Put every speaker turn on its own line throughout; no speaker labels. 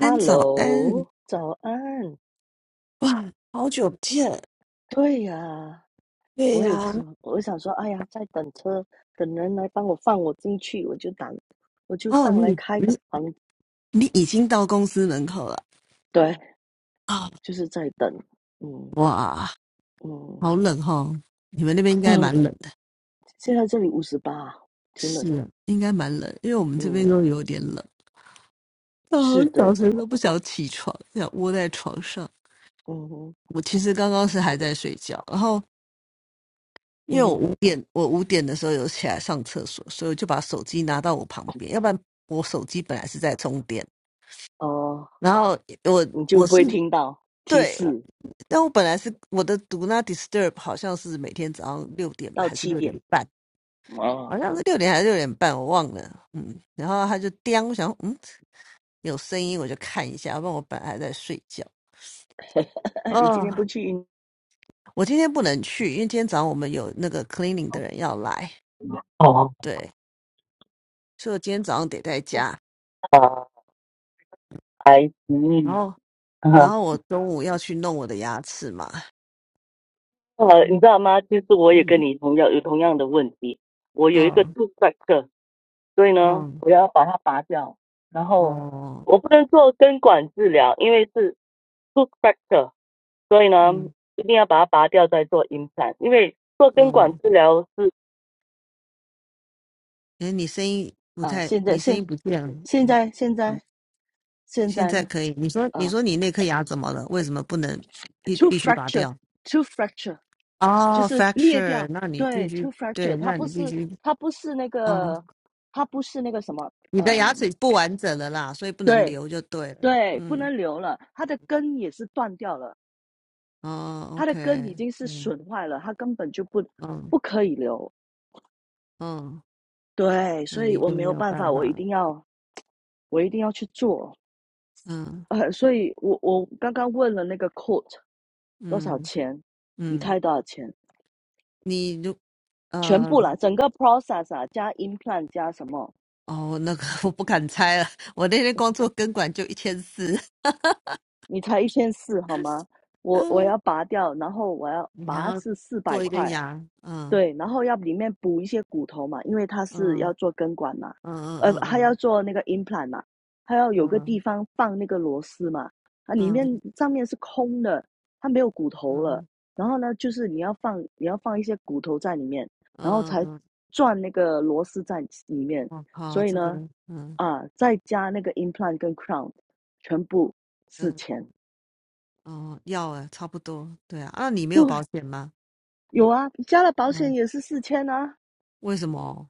安，早安！
早安。
哇，好久不见。
对呀，
对
我也
呀、
是，我想说，哎呀，在等车，等人来帮我放我进去，我就打，我就
哦，
上来
你
开个
你
房。
你已经到公司门口了
对，
啊、
就是在等。嗯
哇，
嗯，
好冷哦！你们那边应该
哦，
蛮冷的。
现在这里五十八，挺冷
是
的。
啊，应该蛮冷，因为我们这边都
嗯，
有点冷。啊，
是
早
的。
晨都不想起床，想窝在床上。
嗯哼
我其实刚刚是还在睡觉，然后因
嗯
为我
哼，
五点，我五点的时候有起来上厕所，所以我就把手机拿到我旁边，要不然我手机本来是在充电，
哦，
然后我
你就
我
不
是
会听到提
对
示
但我本来是我的读那 Disturb 好像是每天早上六点
到
还是
七
六点
点。
半，
啊？
好像是六点还是六点半，我忘了。嗯，然后他就叮，我想嗯有声音我就看一下，要不然我本来还在睡觉。
你今
哦，
天不去运
我今天不能去，因为今天早上我们有那个 cleaning 的人要来，
动哦，
对，所以我今天早上得在家。
呃，还
然
行，
后，然后我中午要去弄我的牙齿嘛。
呃，你知道吗？其实我也跟
嗯，
你同样有同样的问题。我有一个 t
哦，
o o t h b a c t e 所以呢，
嗯，
我要把它拔掉。然后
哦，
我不能做根管治疗，因为是 t o o t h b a c t e 所以呢，
嗯
一定要把它拔掉再做 implant。因为做根管
嗯，
治疗是
哎，你声音不
啊，
太，
现在
你声
现
音不见了。
现在现在现
现
在
在
呢，
可以。你说，你
啊
说你那颗牙怎么了？为什么不能必
t o o
必须拔掉？
fracture，t o o fracture 就
哦
是裂
，fracture，
掉。
那你
对
必
t o
须
o fracture，
对，
它
那
不
你
是
必须
它不是那
哦，
个它不是那个什么。
你
呃。
的牙齿不完整了啦，所以不能
对
留就对了。
对，不
嗯，
能留了，它的根也是断掉了，
哦
它的
，OK，
根已经是
嗯
损坏了，它根本就不
嗯
不可以留。
嗯，
对，
那
所以
你
我
就
没
没
有
有
办
办
法，我
法
一
了。
定要我一定要去做。
嗯
呃，所以我我刚刚问了那个 coat 多少
嗯
钱，你
嗯，
猜多少钱？
你就
全
呃
部啦，整个 process 啊，加 implant 加什么，
哦，那个 我不敢猜了，我那天光做根管就一千四，
你才一千四好吗？我我
嗯，
要拔掉，然后我要
你还
拔
要
是四百
做一个
块，
牙，嗯。
对，然后要里面补一些骨头嘛，因为它是要
嗯
做根管嘛，
嗯
呃，它要
嗯
做那个 implant 嘛，它要
嗯
有个地
嗯
方放那个螺丝嘛，啊，里面
嗯
上面是空的，它没有骨头了。
嗯
然后呢，就是你要放你要放一些骨头在里面，然后
嗯
才
嗯，
转那个螺丝在里面。
我靠，
所以
这个，
呢，
嗯
啊，再加那个 implant 跟 crown，全部四
嗯
千。
哦，要啊，差不多，对啊，那你没
对，
有保险吗？
有啊，加了保险
嗯，
也是四千啊。
为什么哦？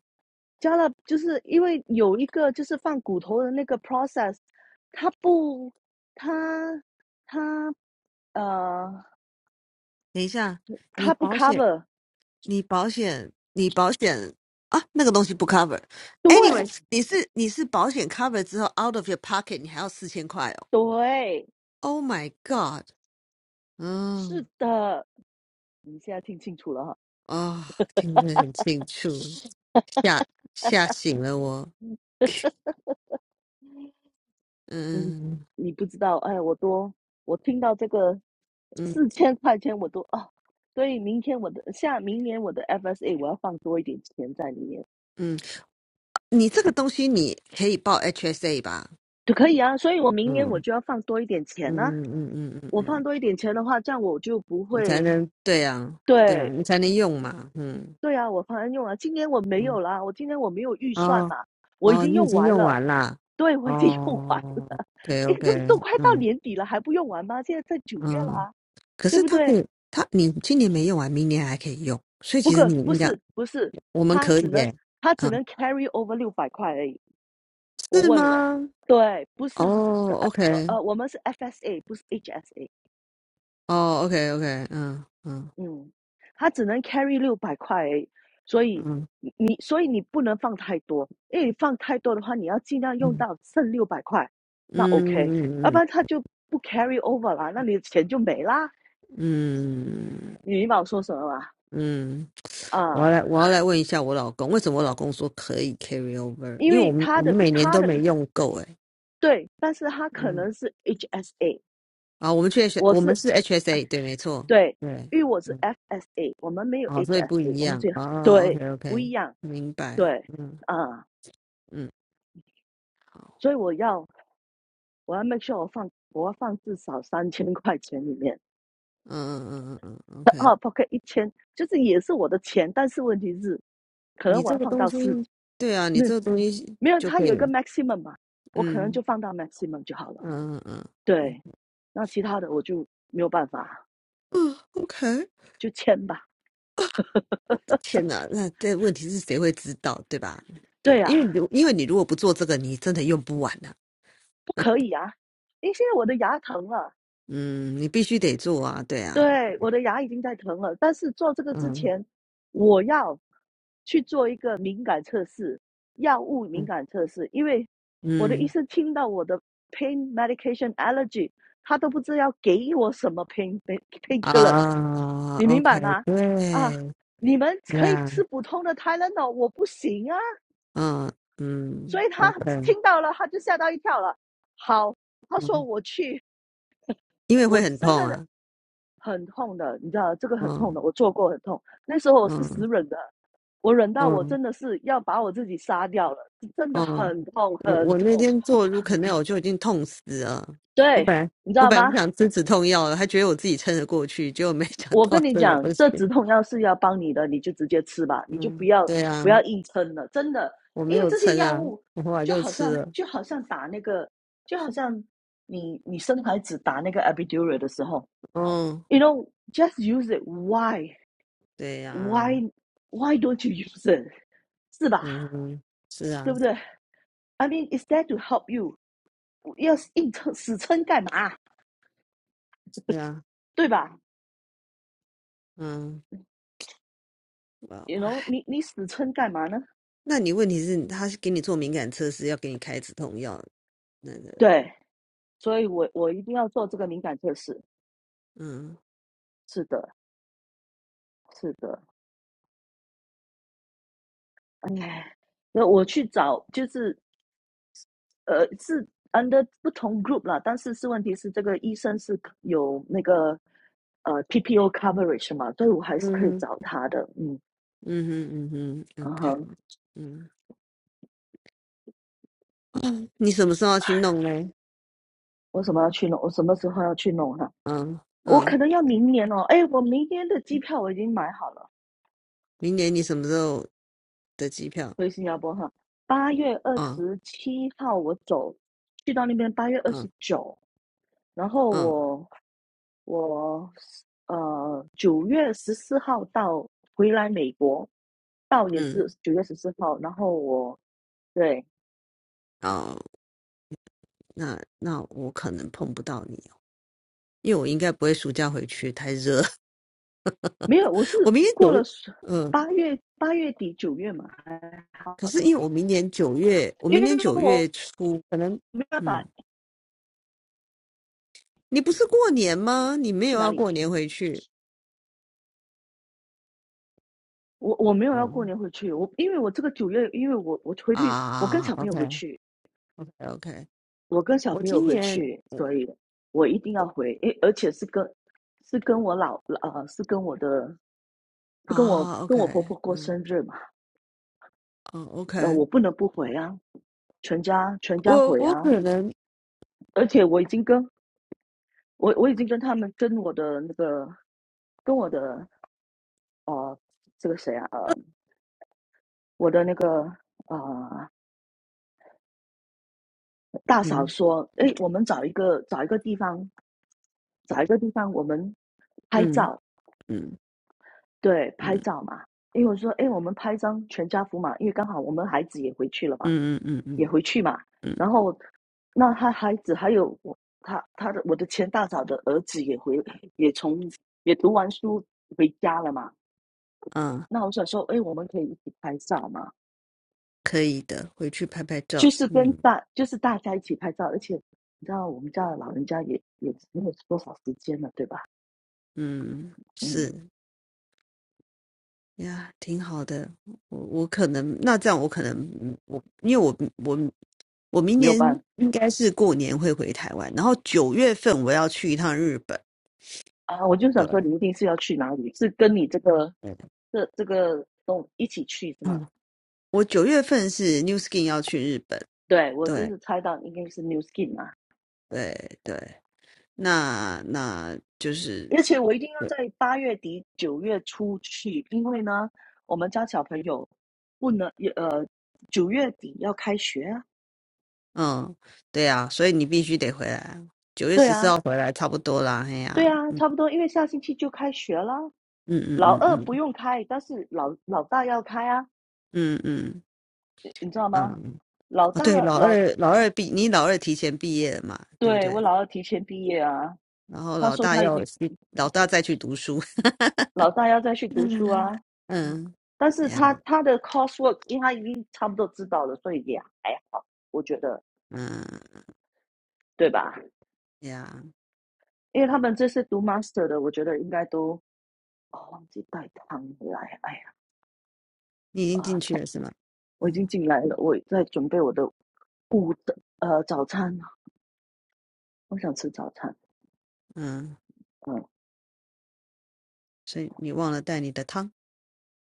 加了就是因为有一个就是放骨头的那个 process，它不，它它呃，
等一下，你
它不
保险，
cover，
你保险，你保险啊，那个东西不 cover。
对
Anyways，你是你是保险 cover 之后 out of your pocket，你还要四千块哦。
对，
Oh my god，
是
嗯
的，你现在听清楚了哈，
啊、听得很清楚，吓吓醒了我，
你
嗯
你不知道，哎，我多我听到这个
嗯。
四千块钱我都啊，所以明天我的下明年我的 FSA 我要放多一点钱在里面，
嗯，你这个东西你可以报 HSA 吧？
就可以啊，所以我明年我
嗯
就要放多一点钱啊，
嗯嗯嗯嗯嗯，
我放
嗯，
多一点钱的话，这样我就不
你才
会
能对啊，对啊，
对
你才能用嘛。嗯
对啊，我方案用了，今年我没有
嗯，
啦，我今年我没有预算
哦
嘛，我已
哦，
经
你已
用
经
完
用
了。
完啦。
对，我已经用完
哦
了，
，OK
哎，都
OK，
都快到
嗯
年底了，还不用完吗？现在在九月了
嗯，
啊，
可
对
是
不
它可
对？
以，它你今年没用完，明年还可以用，所以
不
其实
过
你
不
应该
是不是，
我们
他
可
只
以
能
耶。
他只
嗯，
能 carry over 六百块而已。我
是
问了，
吗？
对，不是
哦
呃呃
，OK，
呃，我们是 FSA，不是 HSA，
哦，OK OK，嗯嗯
嗯，他只能 carry 六百块而已，所以
嗯
你所以你不能放太多，因为你放太多的话，你要尽量用
嗯
到剩六百块，那
嗯
OK，要
嗯
不
嗯
然他就不 carry over 啦，那你的钱就没啦。
嗯
你明白我说什么吗？
嗯，我要
啊，
来，我要来问一下我老公，为什么我老公说可以 carry over？
因
因为
为
我们
他
我们
的
每年
他
都没
的
用够哎、
对，但是他可
嗯，
能是 HSA，
啊，我们去 H，
我
我们
是
是 HSA，对，没错，
对，
对，
因为我是
嗯，
FSA，我们没有
哦，所以不
HSA，
一
我们
样
只有
啊 o
对
k
不
OK，
一样，
明白，
对
嗯
啊，
嗯，好，
所以我要我要 make sure 我放我要放至少三千块钱里面。
嗯嗯嗯嗯嗯，OK，
啊，Pocket 一千，就是也是我的钱，但是问题是，可能
你
我
这
要
个
放
东
到
西，
四，
对啊，你
没
这个东西
没有，
就
它
可
有一
以，
个 maximum 嘛，我可能就
嗯
放到 maximum 就好了。
嗯嗯嗯嗯
对，那其他的我就没有办法，
嗯，OK，
就签吧。
我的天哪，那这问题是谁会知道，对吧？对
对
啊，因为
啊，
你如因为你如果不做这个，你真的用不完呐。
不可以啊，因为现在我的牙疼了，
嗯，你必须得做啊，对啊，
对，我的牙已经在疼了，但是做这个之
嗯
前，我要去做一个敏感测试，药物敏
嗯
感测试，因为我的医
嗯
生听到我的 pain medication allergy，他都不知道要给我什么 pain pain killers，
啊
你明白
，OK，
吗？啊，
对，
你们
对
可以
啊，
吃普通的 Tylenol，我不行啊，
嗯
所
嗯
以他
，OK，
听到了他就吓到一跳了。好，他说
嗯，
我去，
因为
我
会很
真
痛
的
啊，
很痛的，你知道这个很痛
嗯
的，我做过很痛。那时候我是死
嗯
忍的，我忍到我
嗯
真的是要把我自己杀掉了，真的
嗯，
很痛
我
很
我那
痛。
天做 r u c a n a 我就已经痛死了，我
对，
本来
你知
我
道
本来
吗？
不想吃止痛药的，还觉得我自己撑得过去，结果没想
我
到
跟你
真的
讲，
不行。
这止痛药是要帮你的，你就直接吃吧，你就不
嗯，
要
对啊，
不要硬撑了，真的，
我没
因为
有
这些
撑
药
啊，
物
我后来
就
就
好
吃
像
了。
就好像打那个，就好像你你生孩子打那个 epidural 的时候
哦，
，you know just use it why
对呀、
why why don't you use it？是吧？
嗯哼，是
对
啊，
不对？I mean, is that to help you？要硬撑死撑干嘛？
是啊，
对吧
嗯，哇，
？You know，
唉，
你你死撑干嘛呢？
那你问题是，他是给你做敏感测试，要给你开止痛药，那个，
对，所以我我一定要做这个敏感测试。
嗯
是的，是的，哎，那我去找就是呃是 under 不同 group 了，但是是问题是这个医生是有那个呃 PPO coverage 嘛，所以我还是可以
嗯哼，
找他的。嗯，
嗯哼，嗯哼
嗯
，OK，
哼，
嗯嗯，你什么时候要去弄嘞？
我什么要去弄？我什么时候要去弄哈、
嗯
我
嗯，
可能要明年哦，哎，我明天的机票我已经买好了，
明年你什么时候的机票？
回新加坡哈，八月二
嗯
十七号我走，去到那边八月二
嗯
十九，然后
嗯
我我呃九月十四号到回来美国，到也
嗯，
是九月十四号，然后我对
哦，那那我可能碰不到你。因为我应该不会暑假回去，太热。
没有，我
我
是
明年
过
九
了
月，嗯，
八月八月底九月嘛，还好，
可是因为我明年九月，我
因
明
为
年九
我
月初可能，
没办
嗯，
法
你不是过年吗？你没
去
有
哪
要
里。
过年回去？
我我没有要过
嗯
年回去，我因为我这个九月，因为我我回去，我跟
啊
小朋友
，OK
回去，
OK OK，
我跟小
我
朋友
今
回
年
去，
我
所以我一定要回，诶，而且是跟是跟我老呃是跟我的是跟我
啊
跟
OK，
我婆婆过
嗯
生日嘛，
哦
那
OK，
我不能不回啊，全家全家
我
回
我
啊，
可能
而且我已经跟我我已经跟他们跟我的那个跟我的呃这个谁啊呃我的那个呃大嫂
嗯
说，诶，我们找一个找一个地方找一个地方我们拍
嗯
照，
嗯
对，拍
嗯
照嘛。因为我说，哎，我们拍张全家福嘛，因为刚好我们孩子也回去了嘛，
嗯嗯嗯
也
嗯
回去嘛。
嗯
然后，那他孩子还有我，他他的我的前大嫂的儿子也回，也从也读完书回家了嘛。
啊，
那我想说，哎，我们可以一起拍照嘛，
可以的，回去拍拍照，
就是跟
嗯
大就是大家一起拍照，而且你知道我们家的老人家也也没有多少时间了，对吧？
嗯是。
嗯，
呀，挺好的。我我可能那这样，我可能嗯我因为我我我明
没有
年
办法。
应该是过年会回台湾，然后九月份我要去一趟日本。
啊，我就
对，
想说，你一定是要去哪里？是跟你这个
对
这这个东一起去是
嗯，
吗？
嗯我九月份是 New Skin 要去日本。
对，我就
对
是猜到应该是 New Skin 啊，
对对，那那就是
而且我一定要
对
在八月底九月初去，因为呢，我们家小朋友不能也呃九月底要开学啊。
嗯，对啊，所以你必须得回来。九月
对
十
啊，
四号回来差不多啦，嘿
对
呀、
啊，差不多，因为下星期就开学啦。
嗯嗯
老
嗯
二
嗯
不用开，但是老老大要开啊，
嗯嗯
你你知道吗？
嗯，
老
哦，
大
对，老
老，
二老二毕，你老二提前毕业了嘛，对不
对，我
对？
老二提前毕业啊，
然后
他
老
说
大
他已经
要去，老大再去读书。
老大要再去读书
嗯
啊，嗯，
嗯
但是他
呀
他的 coursework，因为他已经差不多知道了，所以也还好，我觉得
嗯
对吧？
呀，
因为他们这是读 master 的，我觉得应该都哦忘记带汤来，哎呀
你已经
啊、
进去
呃
了是吗？
我已
嗯
经进来了，我在准备我的午的呃早餐，我想吃早餐，
嗯，
嗯
所以你忘了带你的汤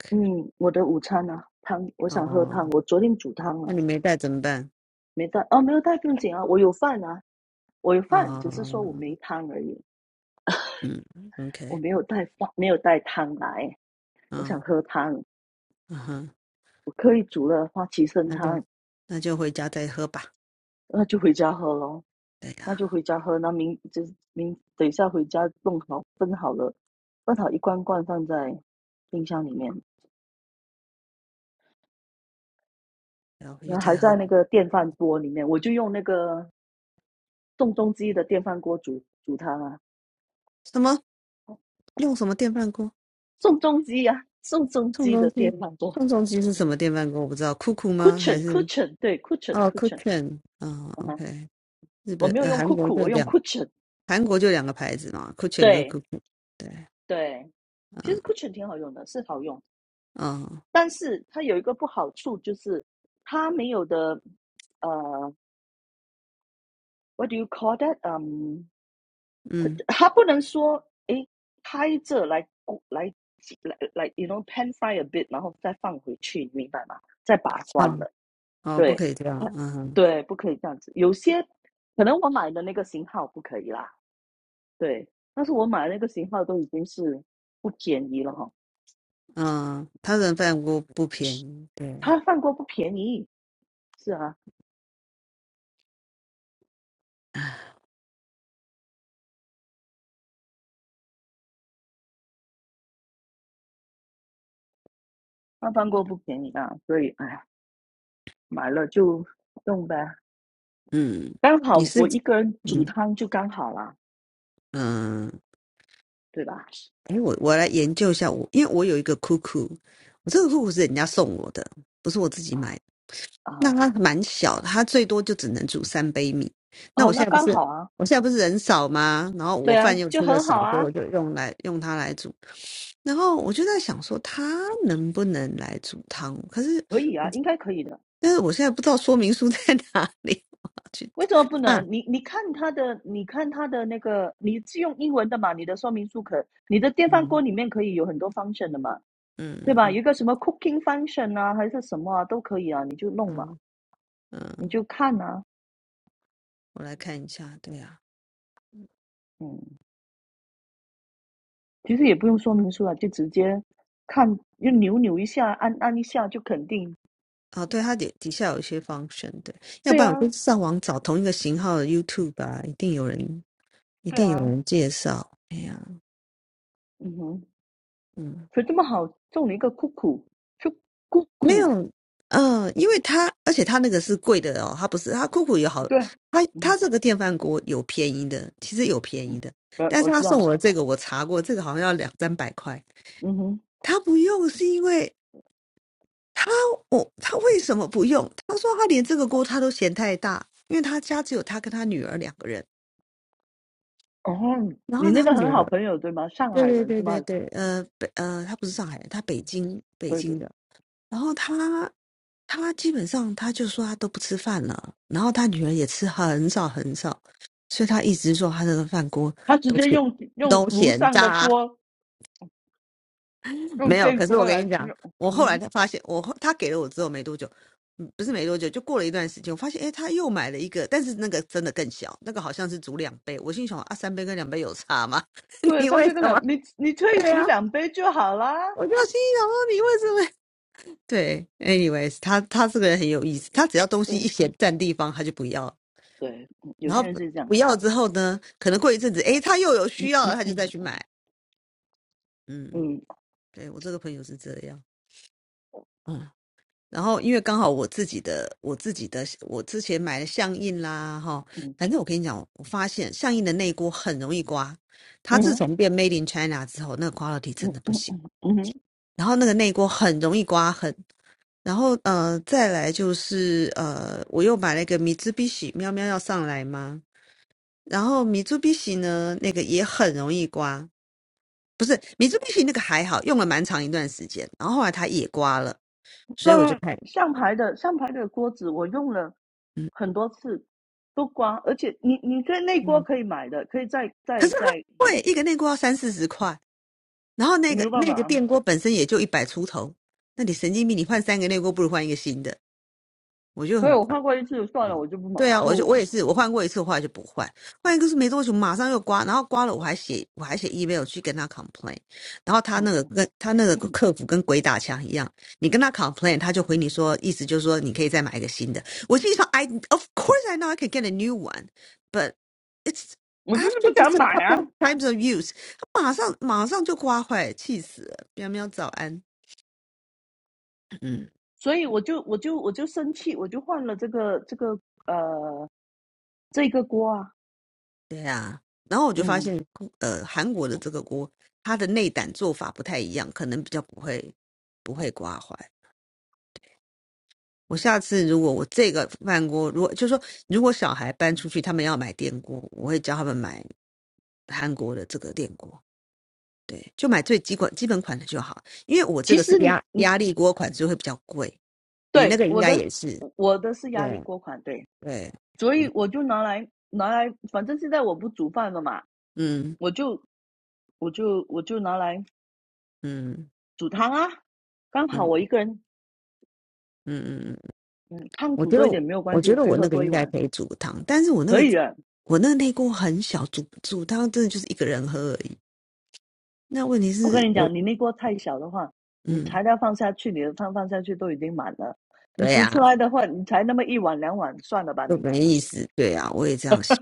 嗯，我的午餐呢，汤，我想喝
哦，
汤，我昨天煮汤了、
那
啊
你没带怎么办？
没带哦，没有带不用紧啊，我有饭啊，我有饭，只是说我
哦，
没汤而已。
嗯
我
，OK，
没有带饭，没有带汤来，我想
嗯
喝汤，
嗯哼，
我刻意煮了花旗参
那
汤，
就那就回家再喝吧。
那就回家喝咯，
对
那
呀，
就回家喝，那明就是明等一下回家弄好分好了，分好一罐罐放在冰箱里面，
然后回去
然后还
再喝
在那
吧
个电饭锅里面，我就用那个宋仲基的电饭锅煮煮汤啊，
什么？用什么电饭锅？
宋仲基呀，宋仲
宋
基
仲
的电
基，
饭锅
宋仲基是什么电饭锅？我不知道，酷酷
c u
吗？
s h i o
还
n
是
c u s h i o n 对 c u s h i o n
哦
c u s h i o n
，Cushion 啊、o k 日
我
本
没有
呃，
用
韩国
cuckoo，
就
我用
两，
c u s h i o n
韩国就两个牌子嘛，Cushion 跟
对
酷酷，对，
对，其实
嗯
u s h i o n 挺好用的，是好用，
嗯
但是它有一个不好处就是它没有的，呃，what do you call that？嗯，
嗯，
它不能说诶拍着来来来来，you know pan fry a bit，然后再放回去，你明白吗？再把关
哦
了，
哦，不
对
可以这样，
它，
嗯哼
对，不可以这样子。有些可能我买的那个型号不可以啦，对，但是我买的那个型号都已经是不便宜了哈，
嗯，他人饭锅不便宜，对，
它放锅不便宜，是啊。那饭锅不便宜啊，所以哎，买了就用呗。
嗯，
刚好
你
我
是
一个人煮
嗯
汤就刚好啦，
嗯，
对吧？
哎，我我来研究一下我，因为我有一个酷酷，我这个酷酷是人家送我的，不是我自己买的。
啊
那
啊
它蛮小的它最多就只能煮三杯米。那
哦，
我现
那
在不
刚
是，
好啊，
我现在不是人少吗？然后我
对啊，
饭又
就
吃的
很好
少，所以
啊，
我就用来用它来煮。然后我就在想说，它能不能来煮汤？可是
可以啊，
我
应该可以的。
但是我现在不知道说明书 在哪里，我要去
为
找
什么不
啊，
能？你你看它的，你看它的那个，你是用英文的嘛？你的说明书可，你的电饭锅
嗯
里面可以有很多 function 的嘛，
嗯
对
嗯
吧？有一
嗯
个什么 cooking function 啊，还是什么啊，都可以啊，你就弄嘛，
嗯
你
嗯，
就看啊，
我来看一下，对呀、
嗯。其实也不用说明书了，就直接看，就扭扭一下，按按一下就肯定。
啊，哦，对，它底底下有一些 function，对，要
对
不然我
啊，
就上网找同一个型号的 YouTube 吧，一定有人。一
对
定有
啊，
人介绍。哎呀，
嗯哼，
嗯，
所以这么好中了一个酷酷，就酷
没
酷，
有，嗯，因为他，而且他那个是贵的哦，他不是，他酷酷有好，
对啊，
他
嗯
他这个电饭锅有便宜的，其实有便宜
嗯，
的，
呃，
但
我
是
知
他送
道，
我的这个我查过，这个好像要两三百块，
嗯哼，
他不用是因为他我他为什么不用？他说他连这个锅他都嫌太大，因为他家只有他跟他女儿两个人，
哦，
然
你
后
那
他
个
女
很好
儿。
朋友对吗？上
对
海
对
人是
对
吗？
对对，呃北呃，他不是上海人，他北京北
对对，
京的，然后他他基本上他就说他都不吃饭了，然后他女儿也吃很少很少，所以他一直说他的饭锅
他直
都
接
咸
用用
都
炉
嫌
上的
渣，
锅，用
没有。
电
可是我
锅
跟
来
你讲，
用，
我后来
嗯，
才发现，我后他给了我之后没多久，嗯不是没多久，就过了一段时间，我发现诶，他又买了一个，但是那个真的更小，那个好像是煮两杯。我心想啊，三杯跟两杯有差吗？
对，
你
三
为
杯跟
什
两，
么？
你你可以
对
煮
呀、啊，
两杯就好啦。
我就心想说你为什么？对，anyways，他他这个人很有意思，他只要东西
对
一嫌占地方，他就不要，
对，嗯有
然
些
后
人
不
是这样，
不要之后呢，可能过一阵子，诶，他又有
嗯
需要
嗯
了，他就再
嗯
去买。嗯，
嗯
对，我这个朋友是这样。嗯，然后因为刚好我自己的，我自己的，我之前买的象印啦，哈，
嗯
反正我跟你讲，我发现象印的内锅很容易刮，它自
嗯
从变 Made in China 之后，那个 quality 真
嗯
的不
嗯
行，
嗯嗯，
然后那个内锅很容易刮痕，然后呃，再来就是呃，我又买了一个米兹必喜，喵喵要上来吗？然后米兹必喜呢，那个也很容易刮，不是米兹必喜那个还好，用了蛮长一段时间，然后后来它也刮了，所以我就
那
看，
上牌的上牌的锅子，我用了
嗯
很多次，都刮，而且你你可以内锅
嗯，
可以买的，可以再
可
再
是它很
再
贵，一个内锅要三四十块，然后那
没
个
有办
那个
法，
电锅本身也就一百出头，那你神经病，你换三个内锅不如换一个新的，我就
所
很
以
烦。
我换过一次就算了，我就不买
对啊，我就
不，
我也是，我换过一次，我后来就不换，换一个是没多久，马上又刮，然后刮了我还写我还写 email 去跟他 complain，然后他
嗯，
那个跟他那个 客服跟鬼打墙一样，你跟他 complain，他就回你说，意思就是说你可以再买一个新的。我心里想，I of course I know I can get a new one, but it's
我就是
after
不想
just a
买啊，
couple times of use，他马上马上就刮坏，气死了！喵喵早安，嗯。
所以我就我就我就生气，我就换了这个这个呃这个锅啊，
对啊，然后我就发
嗯，
现，呃，韩国的这个锅，它的内胆做法不太一样，可能比较不会不会刮坏。我下次如果我这个饭锅，如果就是说，如果小孩搬
嗯
出去，他们要买电锅，我会教他们买韩国的这个电锅，对，就买最基本基本款的就好，因为我这
其
个是
实你
压
你
压力锅款，所以会比较贵。你那
对
个应
我
该
的
也是，
我的是压力
对
锅款，对，
对，
所以
嗯
我就拿来拿来，反正现在我不煮饭了嘛，
嗯
我就我就我就拿来
嗯
煮汤啊。刚
嗯
好
嗯嗯
我一个人，
嗯。嗯
嗯，汤
我
煮
觉
多
得
一点
我，
没有关
我
系，
觉得
可以
我
喝
那个
多一
应该
碗，
可以煮汤，但是我那
可
个
以的。
我那个内锅很小，煮煮汤真的就是一个人喝而已。那问题
我
是
跟你
我，
讲，你那锅太小的话，你
嗯，
材料放下去，你的汤放下去都已经满了，你
对
煮
呀、
出
啊
来的话，你才那么一碗两碗，算了吧
就
你，
没意思。对呀、啊我也这样想。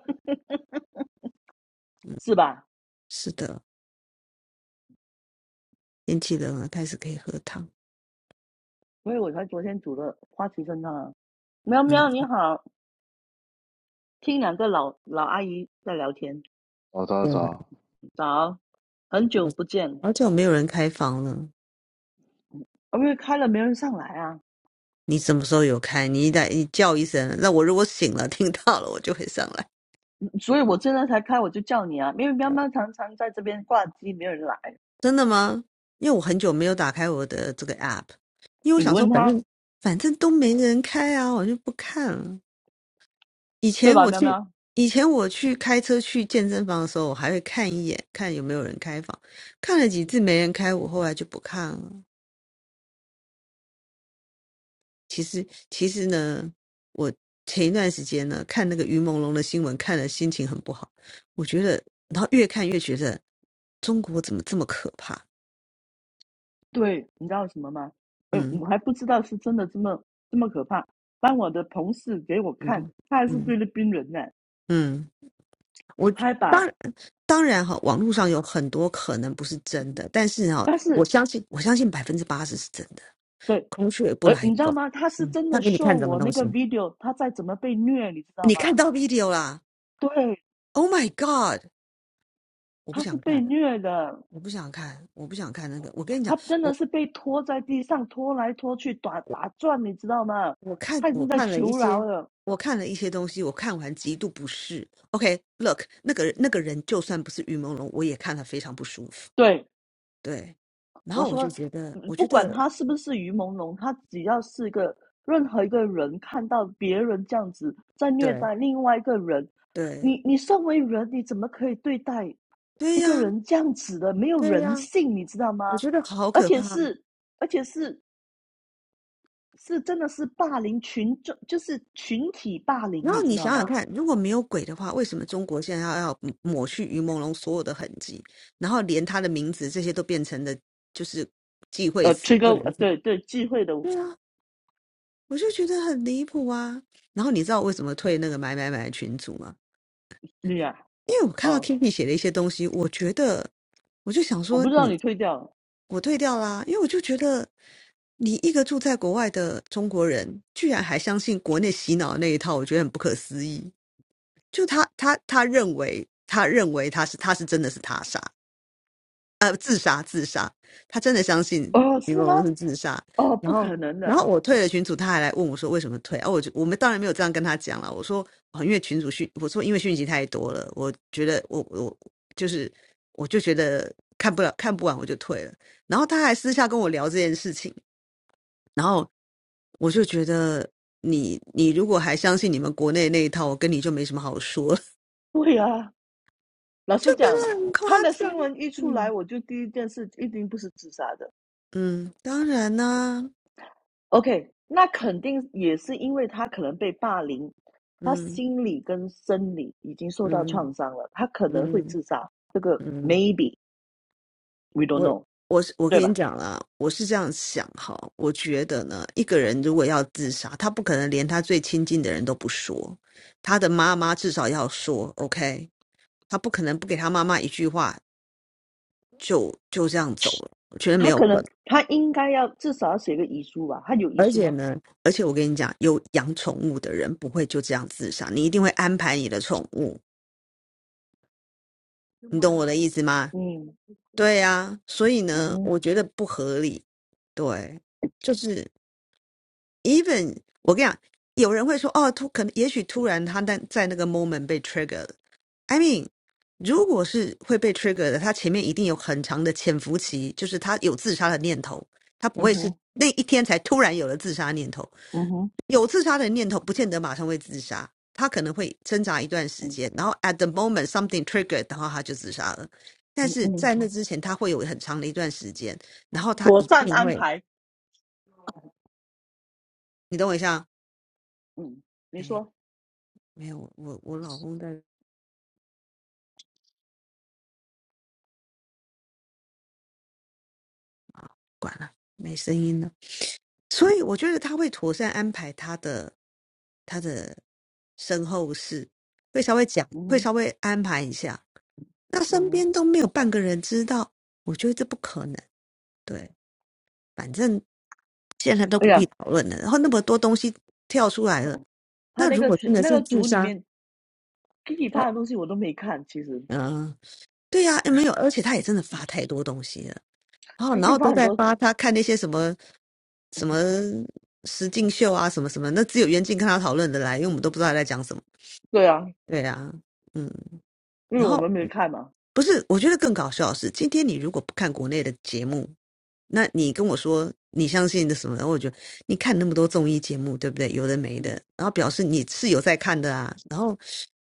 嗯，
是吧？
是的，天气冷了，开始可以喝汤。
所以我才昨天煮了花旗参汤啊喵
嗯，
喵你好，听两个老老阿姨在聊天，
对啊，
早早早，拜拜拜拜。
早，很久
好
不见。
好久没有人开房了。
哦因为开了没人上来啊，
你什么时候有开？你一打你叫一声，那我如果醒了听到了，我就会上来。
嗯所以我现在才开，我就叫你啊，因为喵喵常常在这边挂机，没有人来，
真的吗？因为我很久没有打开我的这个 app，因为我
你
想说，
问
反
他
正反正都没人开啊，我就不看了。以
对
前
吧？
我
喵
去，
喵，
以前我去开车去健身房的时候，我还会看一眼，看有没有人开房。看了几次没人开，我后来就不看了。其实，其实呢，我前一段时间呢，看那个于朦胧的新闻，看了心情很不好。我觉得，然后越看越觉得中国怎么这么可怕？
对，你知道什么吗？呃，
嗯
我还不知道是真的这么这么可怕。当我的同事给我看，
嗯
他还是菲
嗯
律宾人呢，
嗯。我
他还把，
当当然哈，网络上有很多可能不是真的，但是哈，
但是，
我相信
嗯
我相信百分之八十是真的。
对，
孔雀不
呃，你
来
知道
风，
吗？他是
嗯，
真
他
的
给你
s
看什么
我那
东
个
西？
video，他在怎么被虐，你知道
你
吗？
看到 video 啦
对，
？Oh my god！我不
他是
想
被
看，
虐的，
我不想看，我不想看那个。我跟你讲，
他真的
我
是被拖在地上拖来拖去，打打转，你知道吗？
我看
他已经
我
在
看了一
求饶
些，
了。
我看了一些东西，我看完极度不适。OK，look，、那个那个人就算不是于朦胧，我也看了非常不舒服。
对，
对，然
我
后我
说，
就觉得，
嗯
我
不
觉
管
得
他是不是于朦胧，他只要是个任何一个人看到别人这样子在虐
对
待另外一个人，
对，
你你身为人，你怎么可以对待
对
一
呀，
个人这样子的？没有
对
人
呀，
性，你知道
我
吗？
觉得好
而
可
且
怕啊。
是而且是是真的是霸凌群众，就是群体霸凌，
然
你
后
知
你
道
想想
吗？
看，如果没有鬼的话，为什么中国现在要要抹去于朦胧所有的痕迹，然后连他的名字这些都变成了就是忌讳
呃，推
词，不
高呃
能提？
对对聚会的
对啊，我就觉得很离谱啊。然后你知道为什么退那个买买买群组吗？
率啊，
因为我看到
哦，
Kiki 写的一些东西，我觉得我就想
我不
说，
知道
你
你退掉了
我退掉啦，因为我就觉得，你一个住在国外的中国人，居然还相信国内洗脑的那一套，我觉得很不可思议。就他他他认为他认为他是他是真的是他杀，他真的相信
哦，
李
是吗？
梦龙是自杀。
哦，
然
不
后
可能
然后
的，
我退了群主，他还来问我说为什么退啊？我就我们当然没有这样跟他讲了，我说哦，因为群主讯，我说因为讯息太多了，我觉得我我就是我就觉得看不了看不完我就退了。然后他还私下跟我聊这件事情。然后我就觉得你你如果还相信你们国内那一套，我跟你就没什么好说了，
对啊，老
就
实
觉得
讲，
很夸
他的
张
新闻一 出来，
嗯
我就第一件事一定不是自杀的。
嗯，当然啦、
OK，那肯定也是因为他可能被霸凌，他
嗯
心理跟生理已经受到
嗯
创伤了，他可能会
嗯
自杀。这个
嗯，
maybe we don't
我
know，
我是我
对
跟你
吧？
讲啦，我是这样想哈，我觉得呢，一个人如果要自杀，他不可能连他最亲近的人都不说，他的妈妈至少要说，OK，他不可能不给他妈妈一句话就就这样走了，我觉得没
他
有
可
可能。
能他应该要至少要写个遗书吧？他有遗
而
书
且
吗？
呢，而且我跟你讲，有养宠物的人不会就这样自杀，你一定会安排你的宠物，你懂我的意思吗？
嗯
对呀、所以
嗯
呢，我觉得不合理。对，就是 even 我跟你讲，有人会说哦，突可能也许突然他在在那个 moment 被 trigger 了。I mean，如果是会被 trigger 的，他前面一定有很长的潜伏期，就是他有自杀的念头，他不
嗯
会是
哼，
那一天才突然有了自杀念头。
嗯哼，
有自杀的念头，不见得马上会自杀，他可能会挣扎一段时
嗯
间，然后 at the moment something triggered，然后他就自杀了。但
嗯
是在那
嗯，
之前，他会有很长的一段时间，然后他
妥
一
善
定
安
会，
排。
你等我一下，
嗯，你
哎，
说，
没有，我我老公在管了，没声音了。所以我觉得他会妥善安排他的他的身后事，会稍微讲，
嗯
会
哼，
稍微安排一下。那
嗯
身
哼，
边都没有半个人知道，我觉得这不可能。对，反正现在都
哎
不
呀，
必讨论了。然后那么多东西跳出来了，
他
那
那
如
个
果
群
真的
那
是
个
自
组里
杀，
面 Kiki 发
他
的东西我都没看，其实
嗯、呃对呀、诶没有，而且他也真的发太多东西了，然后
他一
然
在
后
发
都
很
在
多，
发他看那些什么什么实境秀啊，什么什么，那只有袁静跟他讨论的来，因为我们都不知道他在讲什么。
对啊，
对啊，嗯
因为
然
我
后
们没看嘛，
不是，我觉得更搞笑的是，今天你如果不看国内的节目，那你跟我说你相信的什么？然后我觉得你看那么多综艺节目，对不对？有的没的，
嗯，
然后表示你是有在看的啊。然后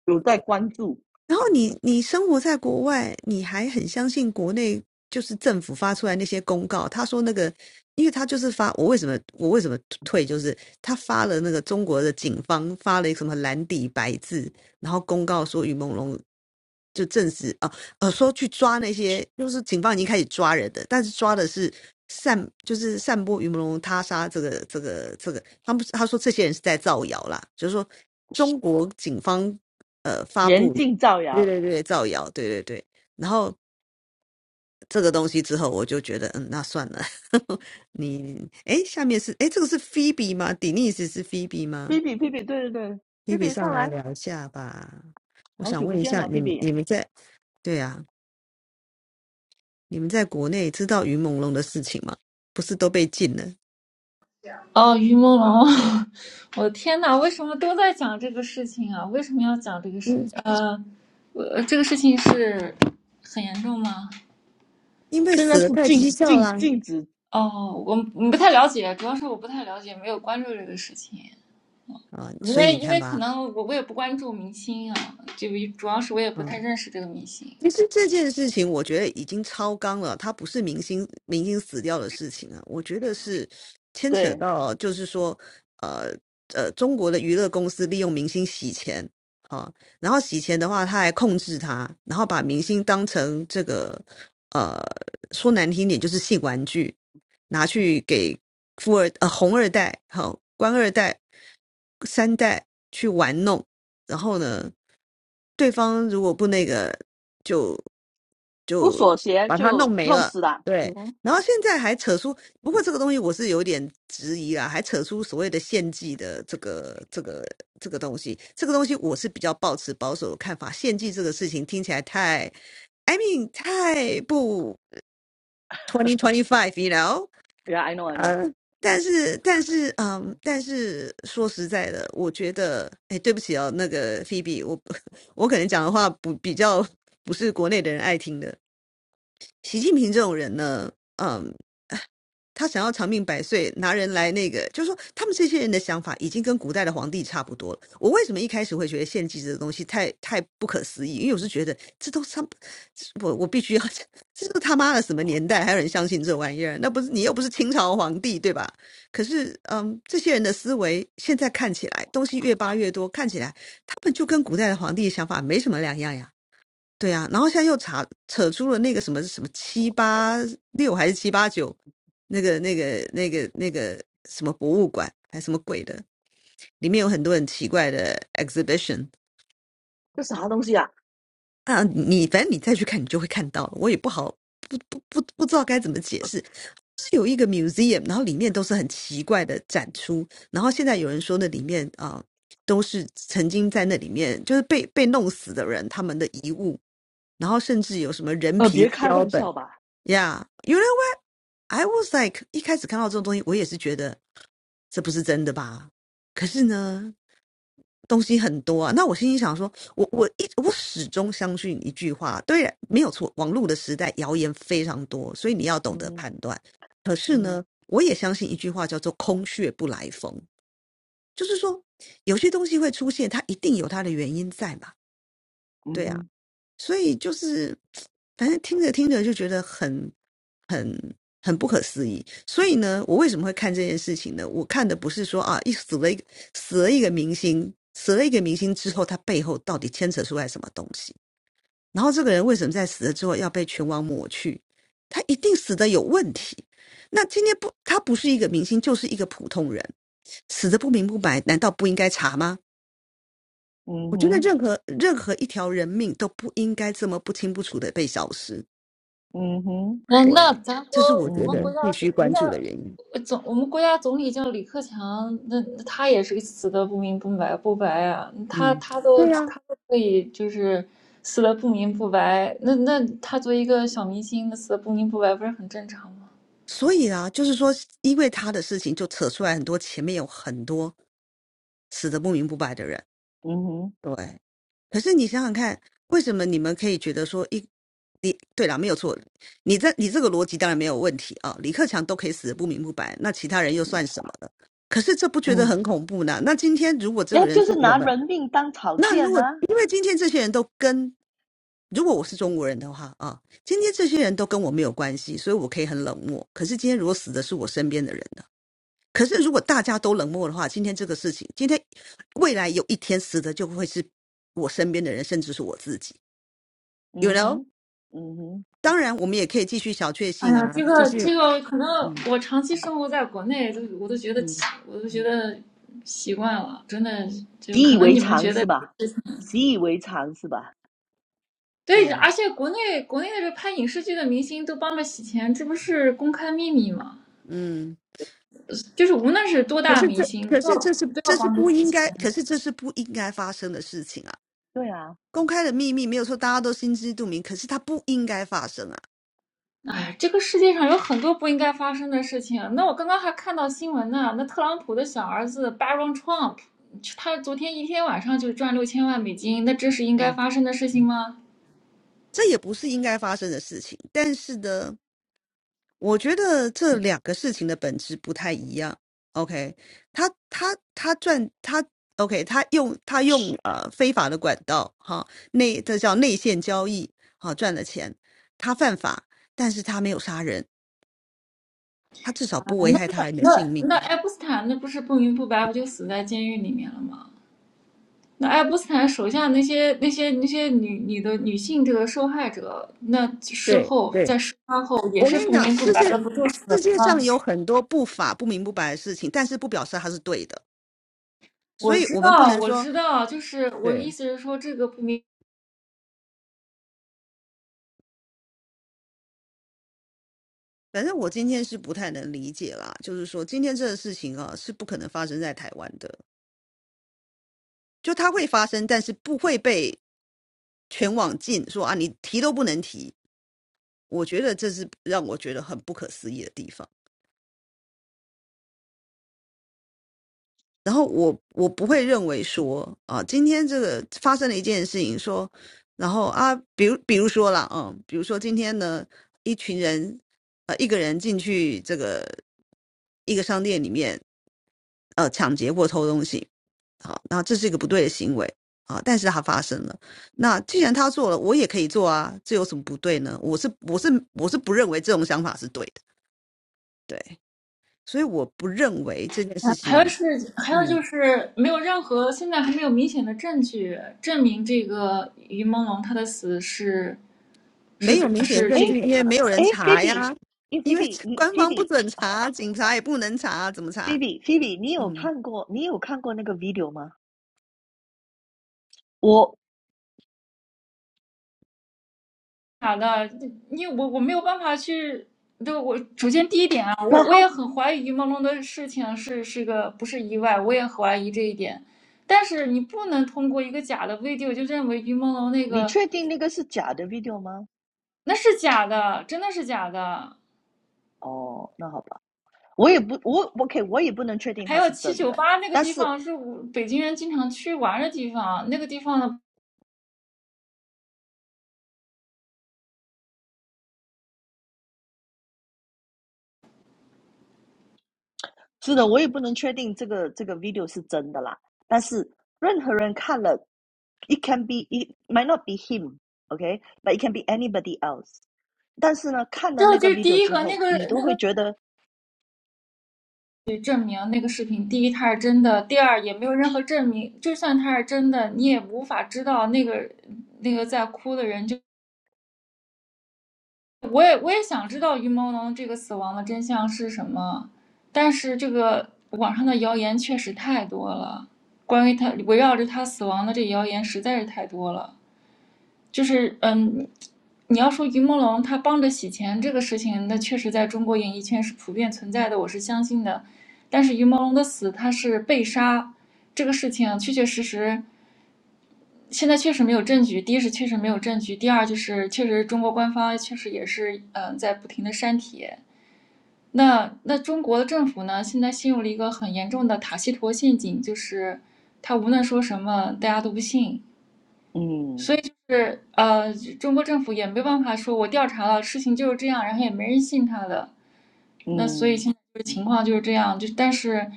有在关注，
然后你你生活在国外，你还很相信国内就是政府发出来那些公告，他说那个，因为他就是发我为什么我为什么退，就是他发了那个中国的警方发了一个什么蓝底白字，然后公告说于朦胧就证实啊呃说去抓那些，就是警方已经开始抓人的，但是抓的是散就是散播于朦胧他杀这个这个这个，他们他说这些人是在造谣啦，就是说中国警方。呃，发布
严禁造
对
谣。
对对，造谣，对对对。然后这个东西之后，我就觉得，嗯，那算了。你，哎，下面是，哎，这个是 Phoebe 吗？Denise 是 Phoebe
菲
吗
比，菲比，对对对，菲
？Phoebe
比
上
上
来
来，
聊一下吧。我
好
想
久不
问一
见
下，
了，菲
你们
比，
你们在，对啊，你们在国内知道云朦胧的事情吗？不是都被禁了？
哦，于朦胧，我的天呐，为什么都在讲这个事情啊？为什么要讲这个事？
嗯，
呃，我这个事情是很严重吗？
因为
现在
死了
是
太蹊
禁
跷
禁
啦。
禁止，
哦，我不太了解，主要是我不太了解，没有关注这个事情。
啊，
因
所以
为
你
因
看
为可
吧，
能我我也不关注明星啊，就主要是我也不
嗯。
太认识这个明星。
其实这件事情，我觉得已经超纲了，它不是明星明星死掉的事情啊，我觉得是牵扯
对，
到，就是说，呃呃，中国的娱乐公司利用明星洗钱啊，然后洗钱的话，他还控制他，然后把明星当成这个，呃，说难听点就是性玩具，拿去给富二呃红二代、好、官二代、三代去玩弄，然后呢，对方如果不那个。就
不
就
锁鞋
把它弄
就
没
弄
了。
死了。嗯
对，
哼
然后现在还扯出，不过这个东西我是有点质疑啦，还扯出所谓的献祭的这个这个这个东西，这个东西我是比较抱持保守的看法。献祭这个事情听起来太，I mean 太不 twenty twenty five，you know，
，Yeah，I know，I know，
呃，但是但是嗯，但是说实在的，我觉得，哎，对不起哦，那个 Phoebe，我 我可能讲的话不比较不是国内的人爱听的，习近平这种人呢，嗯，他想要长命百岁，拿人来那个，就是说他们这些人的想法已经跟古代的皇帝差不多了。我为什么一开始会觉得献祭这个东西太太不可思议？因为我是觉得这都他，我我必须要，这都他妈的什么年代还有人相信这玩意儿？那不是你又不是清朝皇帝对吧？可是，嗯，这些人的思维现在看起来东西越扒越多，看起来他们就跟古代的皇帝想法没什么两样呀。对啊，然后现在又查扯出了那个什么什么七八六还是七八九，那个那个那个那个什么博物馆还是什么鬼的，里面有很多很奇怪的 exhibition
这啥东西啊？
啊，你反正你再去看，你就会看到。了。我也不好不不不不知道该怎么解释，是有一个 museum，然后里面都是很奇怪的展出，然后现在有人说那里面啊、都是曾经在那里面就是被被弄死的人他们的遗物，然后甚至有什么人
呃，
皮
别
的
开
标
玩
本。
笑吧。
Yeah, you know what? I was like，一开始看到这种东西，我也是觉得这不是真的吧？可是呢，东西很多啊。那我心里想说，我我一我始终相信一句话，对，没有错，网络的时代谣言非常多，所以你要
嗯
懂得
哼，
判断。可是
嗯哼，
呢，我也相信一句话叫做“空穴不来风”，就是说有些东西会出现，它一定有它的原因在嘛。
嗯
对啊。
哼，
所以就是，反正听着听着就觉得很、很、很不可思议。所以呢，我为什么会看这件事情呢？我看的不是说啊，一死了一个死了一个明星，死了一个明星之后，他背后到底牵扯出来什么东西？然后这个人为什么在死了之后要被全网抹去？他一定死的有问题。那今天不，他不是一个明星，就是一个普通人，死的不明不白，难道不应该查吗？
嗯
我觉得
哼，
任何任何一条人命都不应该这么不清不楚的被消失。
嗯哼，
哎，那
对，
咱国
这是
嗯
我
我
觉
们
得
国
哼，
家
必
总
须
我们
关
家
注的原因。
呃总我们国家总理叫李克强，那那他也是死的不明不白不白啊，他
嗯，
他都
对呀、啊
他都可以就是死的不明不白，那那他作为一个小明星，那死的不明不白不是很正常吗？
所以啊，就是说，因为他的事情就扯出来很多，前面有很多死的不明不白的人。
mhm, m
对，可是你想想看，为什么你们可以觉得说一，你对啦，没有错，你这你这个逻辑当然没有问题啊，李克强都可以死的不明不白，那其他人又算什么呢？可是这不觉得
嗯，
很恐怖呢？那今天如果这
那
个人
就
是
是
我
拿
们。
人命当草
那
芥
如
呢、
果因为今天这些人都跟，如果我是中国人的话啊，今天这些人都跟我没有关系，所以我可以很冷漠。可是今天如果死的是我身边的人呢？可是如果大家都冷漠的话，今天这个事情，今天未来有一天死的就会是我身边的人，甚至是我自己。You
嗯
know？
哼，嗯哼，
当然，我们也可以继续小确
哎
幸
呀，
啊，
这
继
个
续，
这个可能
嗯
我长期生活在国内，都我都觉得奇
嗯，
我都觉得习惯了，真的就
习以
可能
为
你们
常
觉得
是吧？习以为常是吧？
对
对，
啊，
而且国内国内的这拍影视剧的明星都帮着洗钱，这不是公开秘密吗？
嗯。
呃就是无论是多
可
大
是
明
这，
星，
可
都要
是这是
都要
这是
帮着
不
洗
应
钱。
该，可是这是不应该发生的事情啊。
对啊，
公开的秘密没有错，大家都心知肚明，可是它不应该发生啊，
哎，这个世界上有很多不应该发生的事情。那我刚刚还看到新闻呢，那特朗普的小儿子 Baron Trump，他昨天一天晚上就赚六千万美金，那这是应该
嗯
发生的事情吗？
这也不是应该发生的事情。但是呢，我觉得这两个事情的本质不太一样。OK，他他他赚他 OK，他用他用呃非法的管道哈内这叫内线交易哈赚了钱，他犯法，但是他没有杀人，他至少
啊，
不危
那
害他人的性
那
命。
那爱因斯坦那不是不明不白不就死在监狱里面了吗？那爱因斯坦手下那些那些那些女女的女性这个受害者，那事
对
后
对
在事发后也
我
是
跟你
不
讲，
明不
世
白的，
界
不就死
世
了
界上
吗？
有很多不法不明不白的事情，但是不表示它是对的，所
我
以
知
我们不
道，
能
我
说
知道，就是我的
对。
意思是说，这个不明，
反正我今天是不太能理解啦，就是说今天这个事情啊是不可能发生在台湾的，就它会发生，但是不会被全网禁，说啊你提都不能提。我觉得这是让我觉得很不可思议的地方。然后我我不会认为说啊，今天这个发生了一件事情说，然后啊，比如比如说啦，嗯，比如说今天呢，一群人呃一个人进去这个一个商店里面呃抢劫或偷东西，好，那这是一个不对的行为啊，但是它发生了，那既然他做了，我也可以做啊，这有什么不对呢？我是我是我是不认为这种想法是对的，对，所以我不认为这件事
还有
情。
是还有
嗯。
就是没有任何现在还没有明显的证据证明这个于朦胧她的死是
没有
是
明显
是
哎
证
这
据，因为没有人
哎菲
查
比，
呀，
o e b
因为
你
官
菲
方不
比，
准查，警察也不能查，怎么
菲
查？
比，菲比，你有
嗯，
看过你有看过那个 video 吗？我，
假的，你我我没有办法去，就我首先第一点啊，我
然
我
后
也很怀疑于朦胧的事情是是个不是意外，我也很怀疑这一点。但是你不能通过一个假的 video 就认为于朦胧那
你
个
确定那个是假的 video 吗？
那是假的，真的是假的。
哦，那好吧，我也不，我 OK，我也不能确定
还
它
有
是
七
真
九
的。
八那个
但
地
是。
方是我北京人经常去玩的地方，那个地方的，
是的，我也不能确定这个这个 video 是真的啦。但是任何人看了，it can be it might not be him，OK，but、okay? it can be anybody else。但是呢，看了
就
那个
这第
video
一
之
个那
后，
个
你都
那个
会觉得，
证明那个视频，第一它是真的，第二也没有任何证明，就算它是真的，你也无法知道那个那个在哭的人就。我也我也想知道于朦胧这个死亡的真相是什么，但是这个网上的谣言确实太多了，关于他围绕着他死亡的这谣言实在是太多了。就是嗯，你要说于朦胧他帮着洗钱这个事情，那确实在中国演艺圈是普遍存在的，我是相信的。但是于朦胧的死，他是被杀这个事情，确确实实现在确实没有证据。第一是确实没有证据，第二就是确实中国官方确实也是嗯、呃在不停的删帖。那那中国的政府呢，现在陷入了一个很严重的塔西佗陷阱，就是他无论说什么，大家都不信。
嗯
是，呃，中国政府也没办法说，我调查了，事情就是这样，然后也没人信他的，那所以
嗯
现在这个情况就是这样，就但是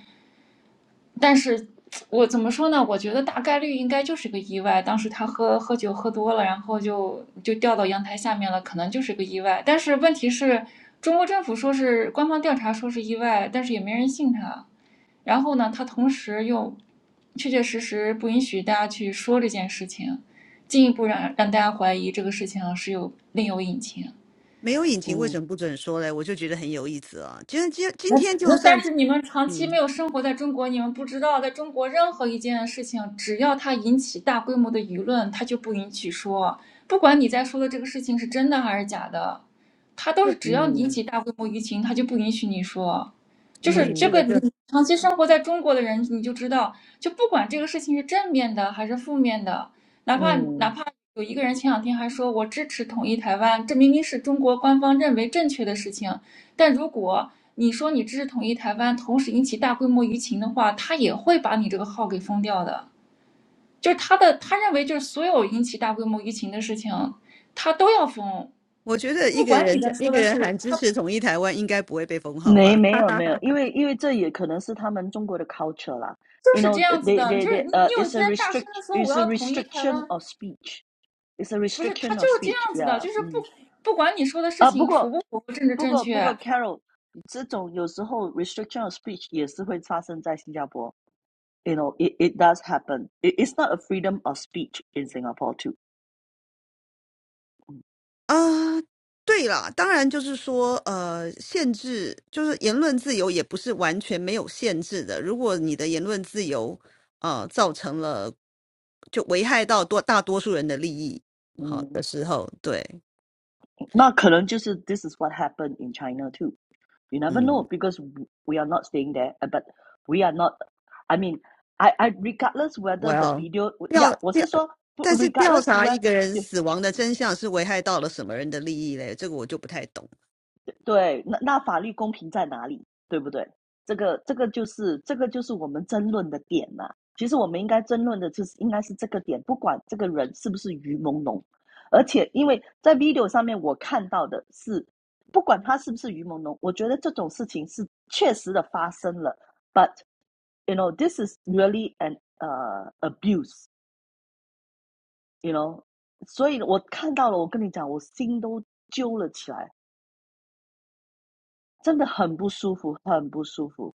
但是我怎么说呢？我觉得大概率应该就是个意外。当时他喝喝酒喝多了，然后就就掉到阳台下面了，可能就是个意外。但是问题是，中国政府说是官方调查说是意外，但是也没人信他。然后呢，他同时又确确实实不允许大家去说这件事情，进一步让让大家怀疑这个事情是有另有隐情。
没有隐情为
嗯
什么不准说嘞？我就觉得很有意思啊。今今今
那
天
那
就
但
算
是你们长期没
嗯，
有生活在中国，你们不知道，在中国任何一件事情，只要它引起大规模的舆论，它就不允许说。不管你在说的这个事情是真的还是假的，它都是
就
只要引起
嗯
大规模舆情，它就不允许你说。就
所
是
以
这
这
嗯
个，
个就
你长期生活在中国的人，你就知道，就不管这个事情是正面的还是负面的，哪怕哪
嗯，
怕有一个人前两天还说我支持统一台湾，这明明是中国官方认为正确的事情，但如果你说你支持统一台湾，同时引起大规模舆情的话，他也会把你这个号给封掉的。就是他的，他认为就是所有引起大规模舆情的事情，他都要封，
我觉
他
得一
不
个
管你
人
在
在一
说
个
的
人
是，
喊支持统一台湾，应该不会被封号
没
吧？
没 有没有，因为因为这也可能是他们中国的 culture 啦。
就
You
是
know,
这样子
they
的。
they
就是
they
你，
呃、
你
i t
有一
s a
天大声
restrict,
的说我
it's a
要统一台
restriction
湾，
of speech, it's a
不是他
restriction
就
of
是这样
speech.
子的，
Yeah，
就是不
嗯。
不管你说的事
啊，不
情符
过
不符合政治正确，
不过不过，Carol，这种有时候 restriction of speech 也是会发生在新加坡。You know, it it does happen. It, it's not a freedom of speech in Singapore too.
啊，对啦，当然就是说，呃，限制就是言论自由也不是完全没有限制的。如果你的言论自由，呃，造成了就危害到多大多数人的利益，好的
Mm.
时候，对，
那可能就是 this is what happened in China too. you never know
嗯，
because we are not staying there uh, but we are not I mean I I regardless
我
whether the
要
video yeah
调调，
我是说
但是调
regardless
查一
where
个人死亡的真相是危害到了什么人的利益嘞？这个我就不太懂。
对，那那法律公平在哪里，对不对？这个这个就是这个就是我们争论的点呐、其实我们应该争论的就是应该是这个点，不管这个人是不是鱼朦胧，而且因为在 video 上面我看到的是，不管他是不是鱼朦胧，我觉得这种事情是确实的发生了，but you know this is really an 呃、abuse you know，所以我看到了，我跟你讲，我心都揪了起来，真的很不舒服，很不舒服。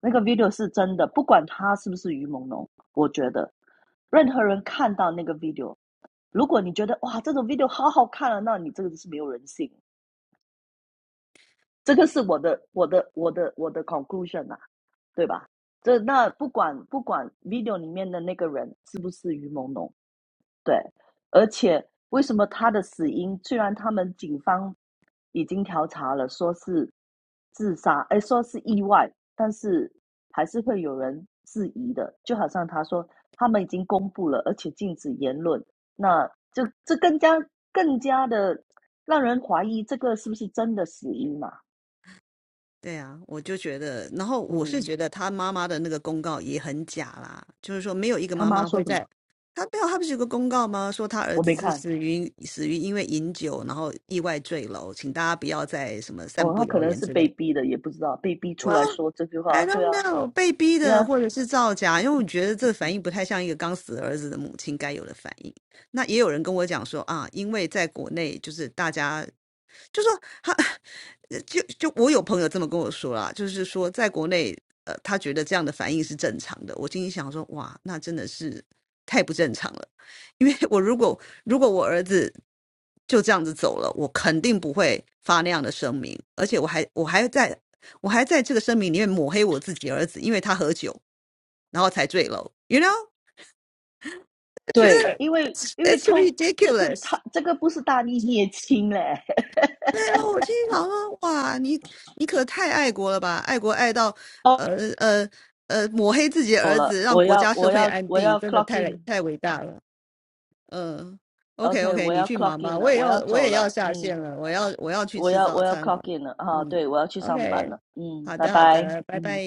那个 video 是真的，不管他是不是于朦胧，我觉得任何人看到那个 video，如果你觉得哇这种 video 好好看了，那你这个就是没有人性，这个是我的我的我的我的 conclusion 啊，对吧？这那不管不管 video 里面的那个人是不是于朦胧，对，而且为什么他的死因，虽然他们警方已经调查了，说是自杀，哎，说是意外，但是还是会有人质疑的。就好像他说，他们已经公布了，而且禁止言论，那这这更加更加的让人怀疑这个是不是真的死因嘛？
对啊，我就觉得，然后我是
嗯，
觉得他妈妈的那个公告也很假啦，就是说没有一个
他
妈
妈
妈
说
会
什
在，
么？
他没有，他不是有个公告吗？说他儿
我没
子是
看。
死于死于因为饮酒，然后意外坠楼，请大家不要再什么散
哦，
布
他可
谣
能
言
是
之
被
类。
逼的，也不知道被逼出来
Well,
说这句话。
I
对
don't
啊，
know，被逼的
呀、
或者是造假，因为我觉得这个反应不太像一个刚死儿子的母亲该有的反应。那也有人跟我讲说啊，因为在国内就是大家就说他，就就我有朋友这么跟我说啦，就是说在国内，呃，他觉得这样的反应是正常的。我心里想说，哇，那真的是太不正常了。因为我如果如果我儿子就这样子走了，我肯定不会发那样的声明，而且我还我还在我还在这个声明里面抹黑我自己儿子，因为他喝酒然后才坠楼，you know，觉
对，
得
因为
it's
因为
it's
通这个
ridiculous。
他这个不是大义灭亲嘞。
对啊，我心常啊。哇，你你可太爱国了吧，爱国爱到，
哦，
呃呃呃，抹黑自己的
走
儿子，
了，
让
我
国
要
家社
我
会
要
安
我
定，
要
真的
clock
太太
in，OK，、
伟大了。嗯，OK
OK，
OK，
我
你
要
去
clock
忙
in
吧，我
了，
也
我
要
要
我
走
也要
了，
下
嗯，
线了，我要我要去
我
吃
要
早
我要
餐了。
clock in 了，哈、
嗯
对，我要去上班
，OK，
了，嗯，
好
拜
的好
拜，
的，拜
嗯。
拜。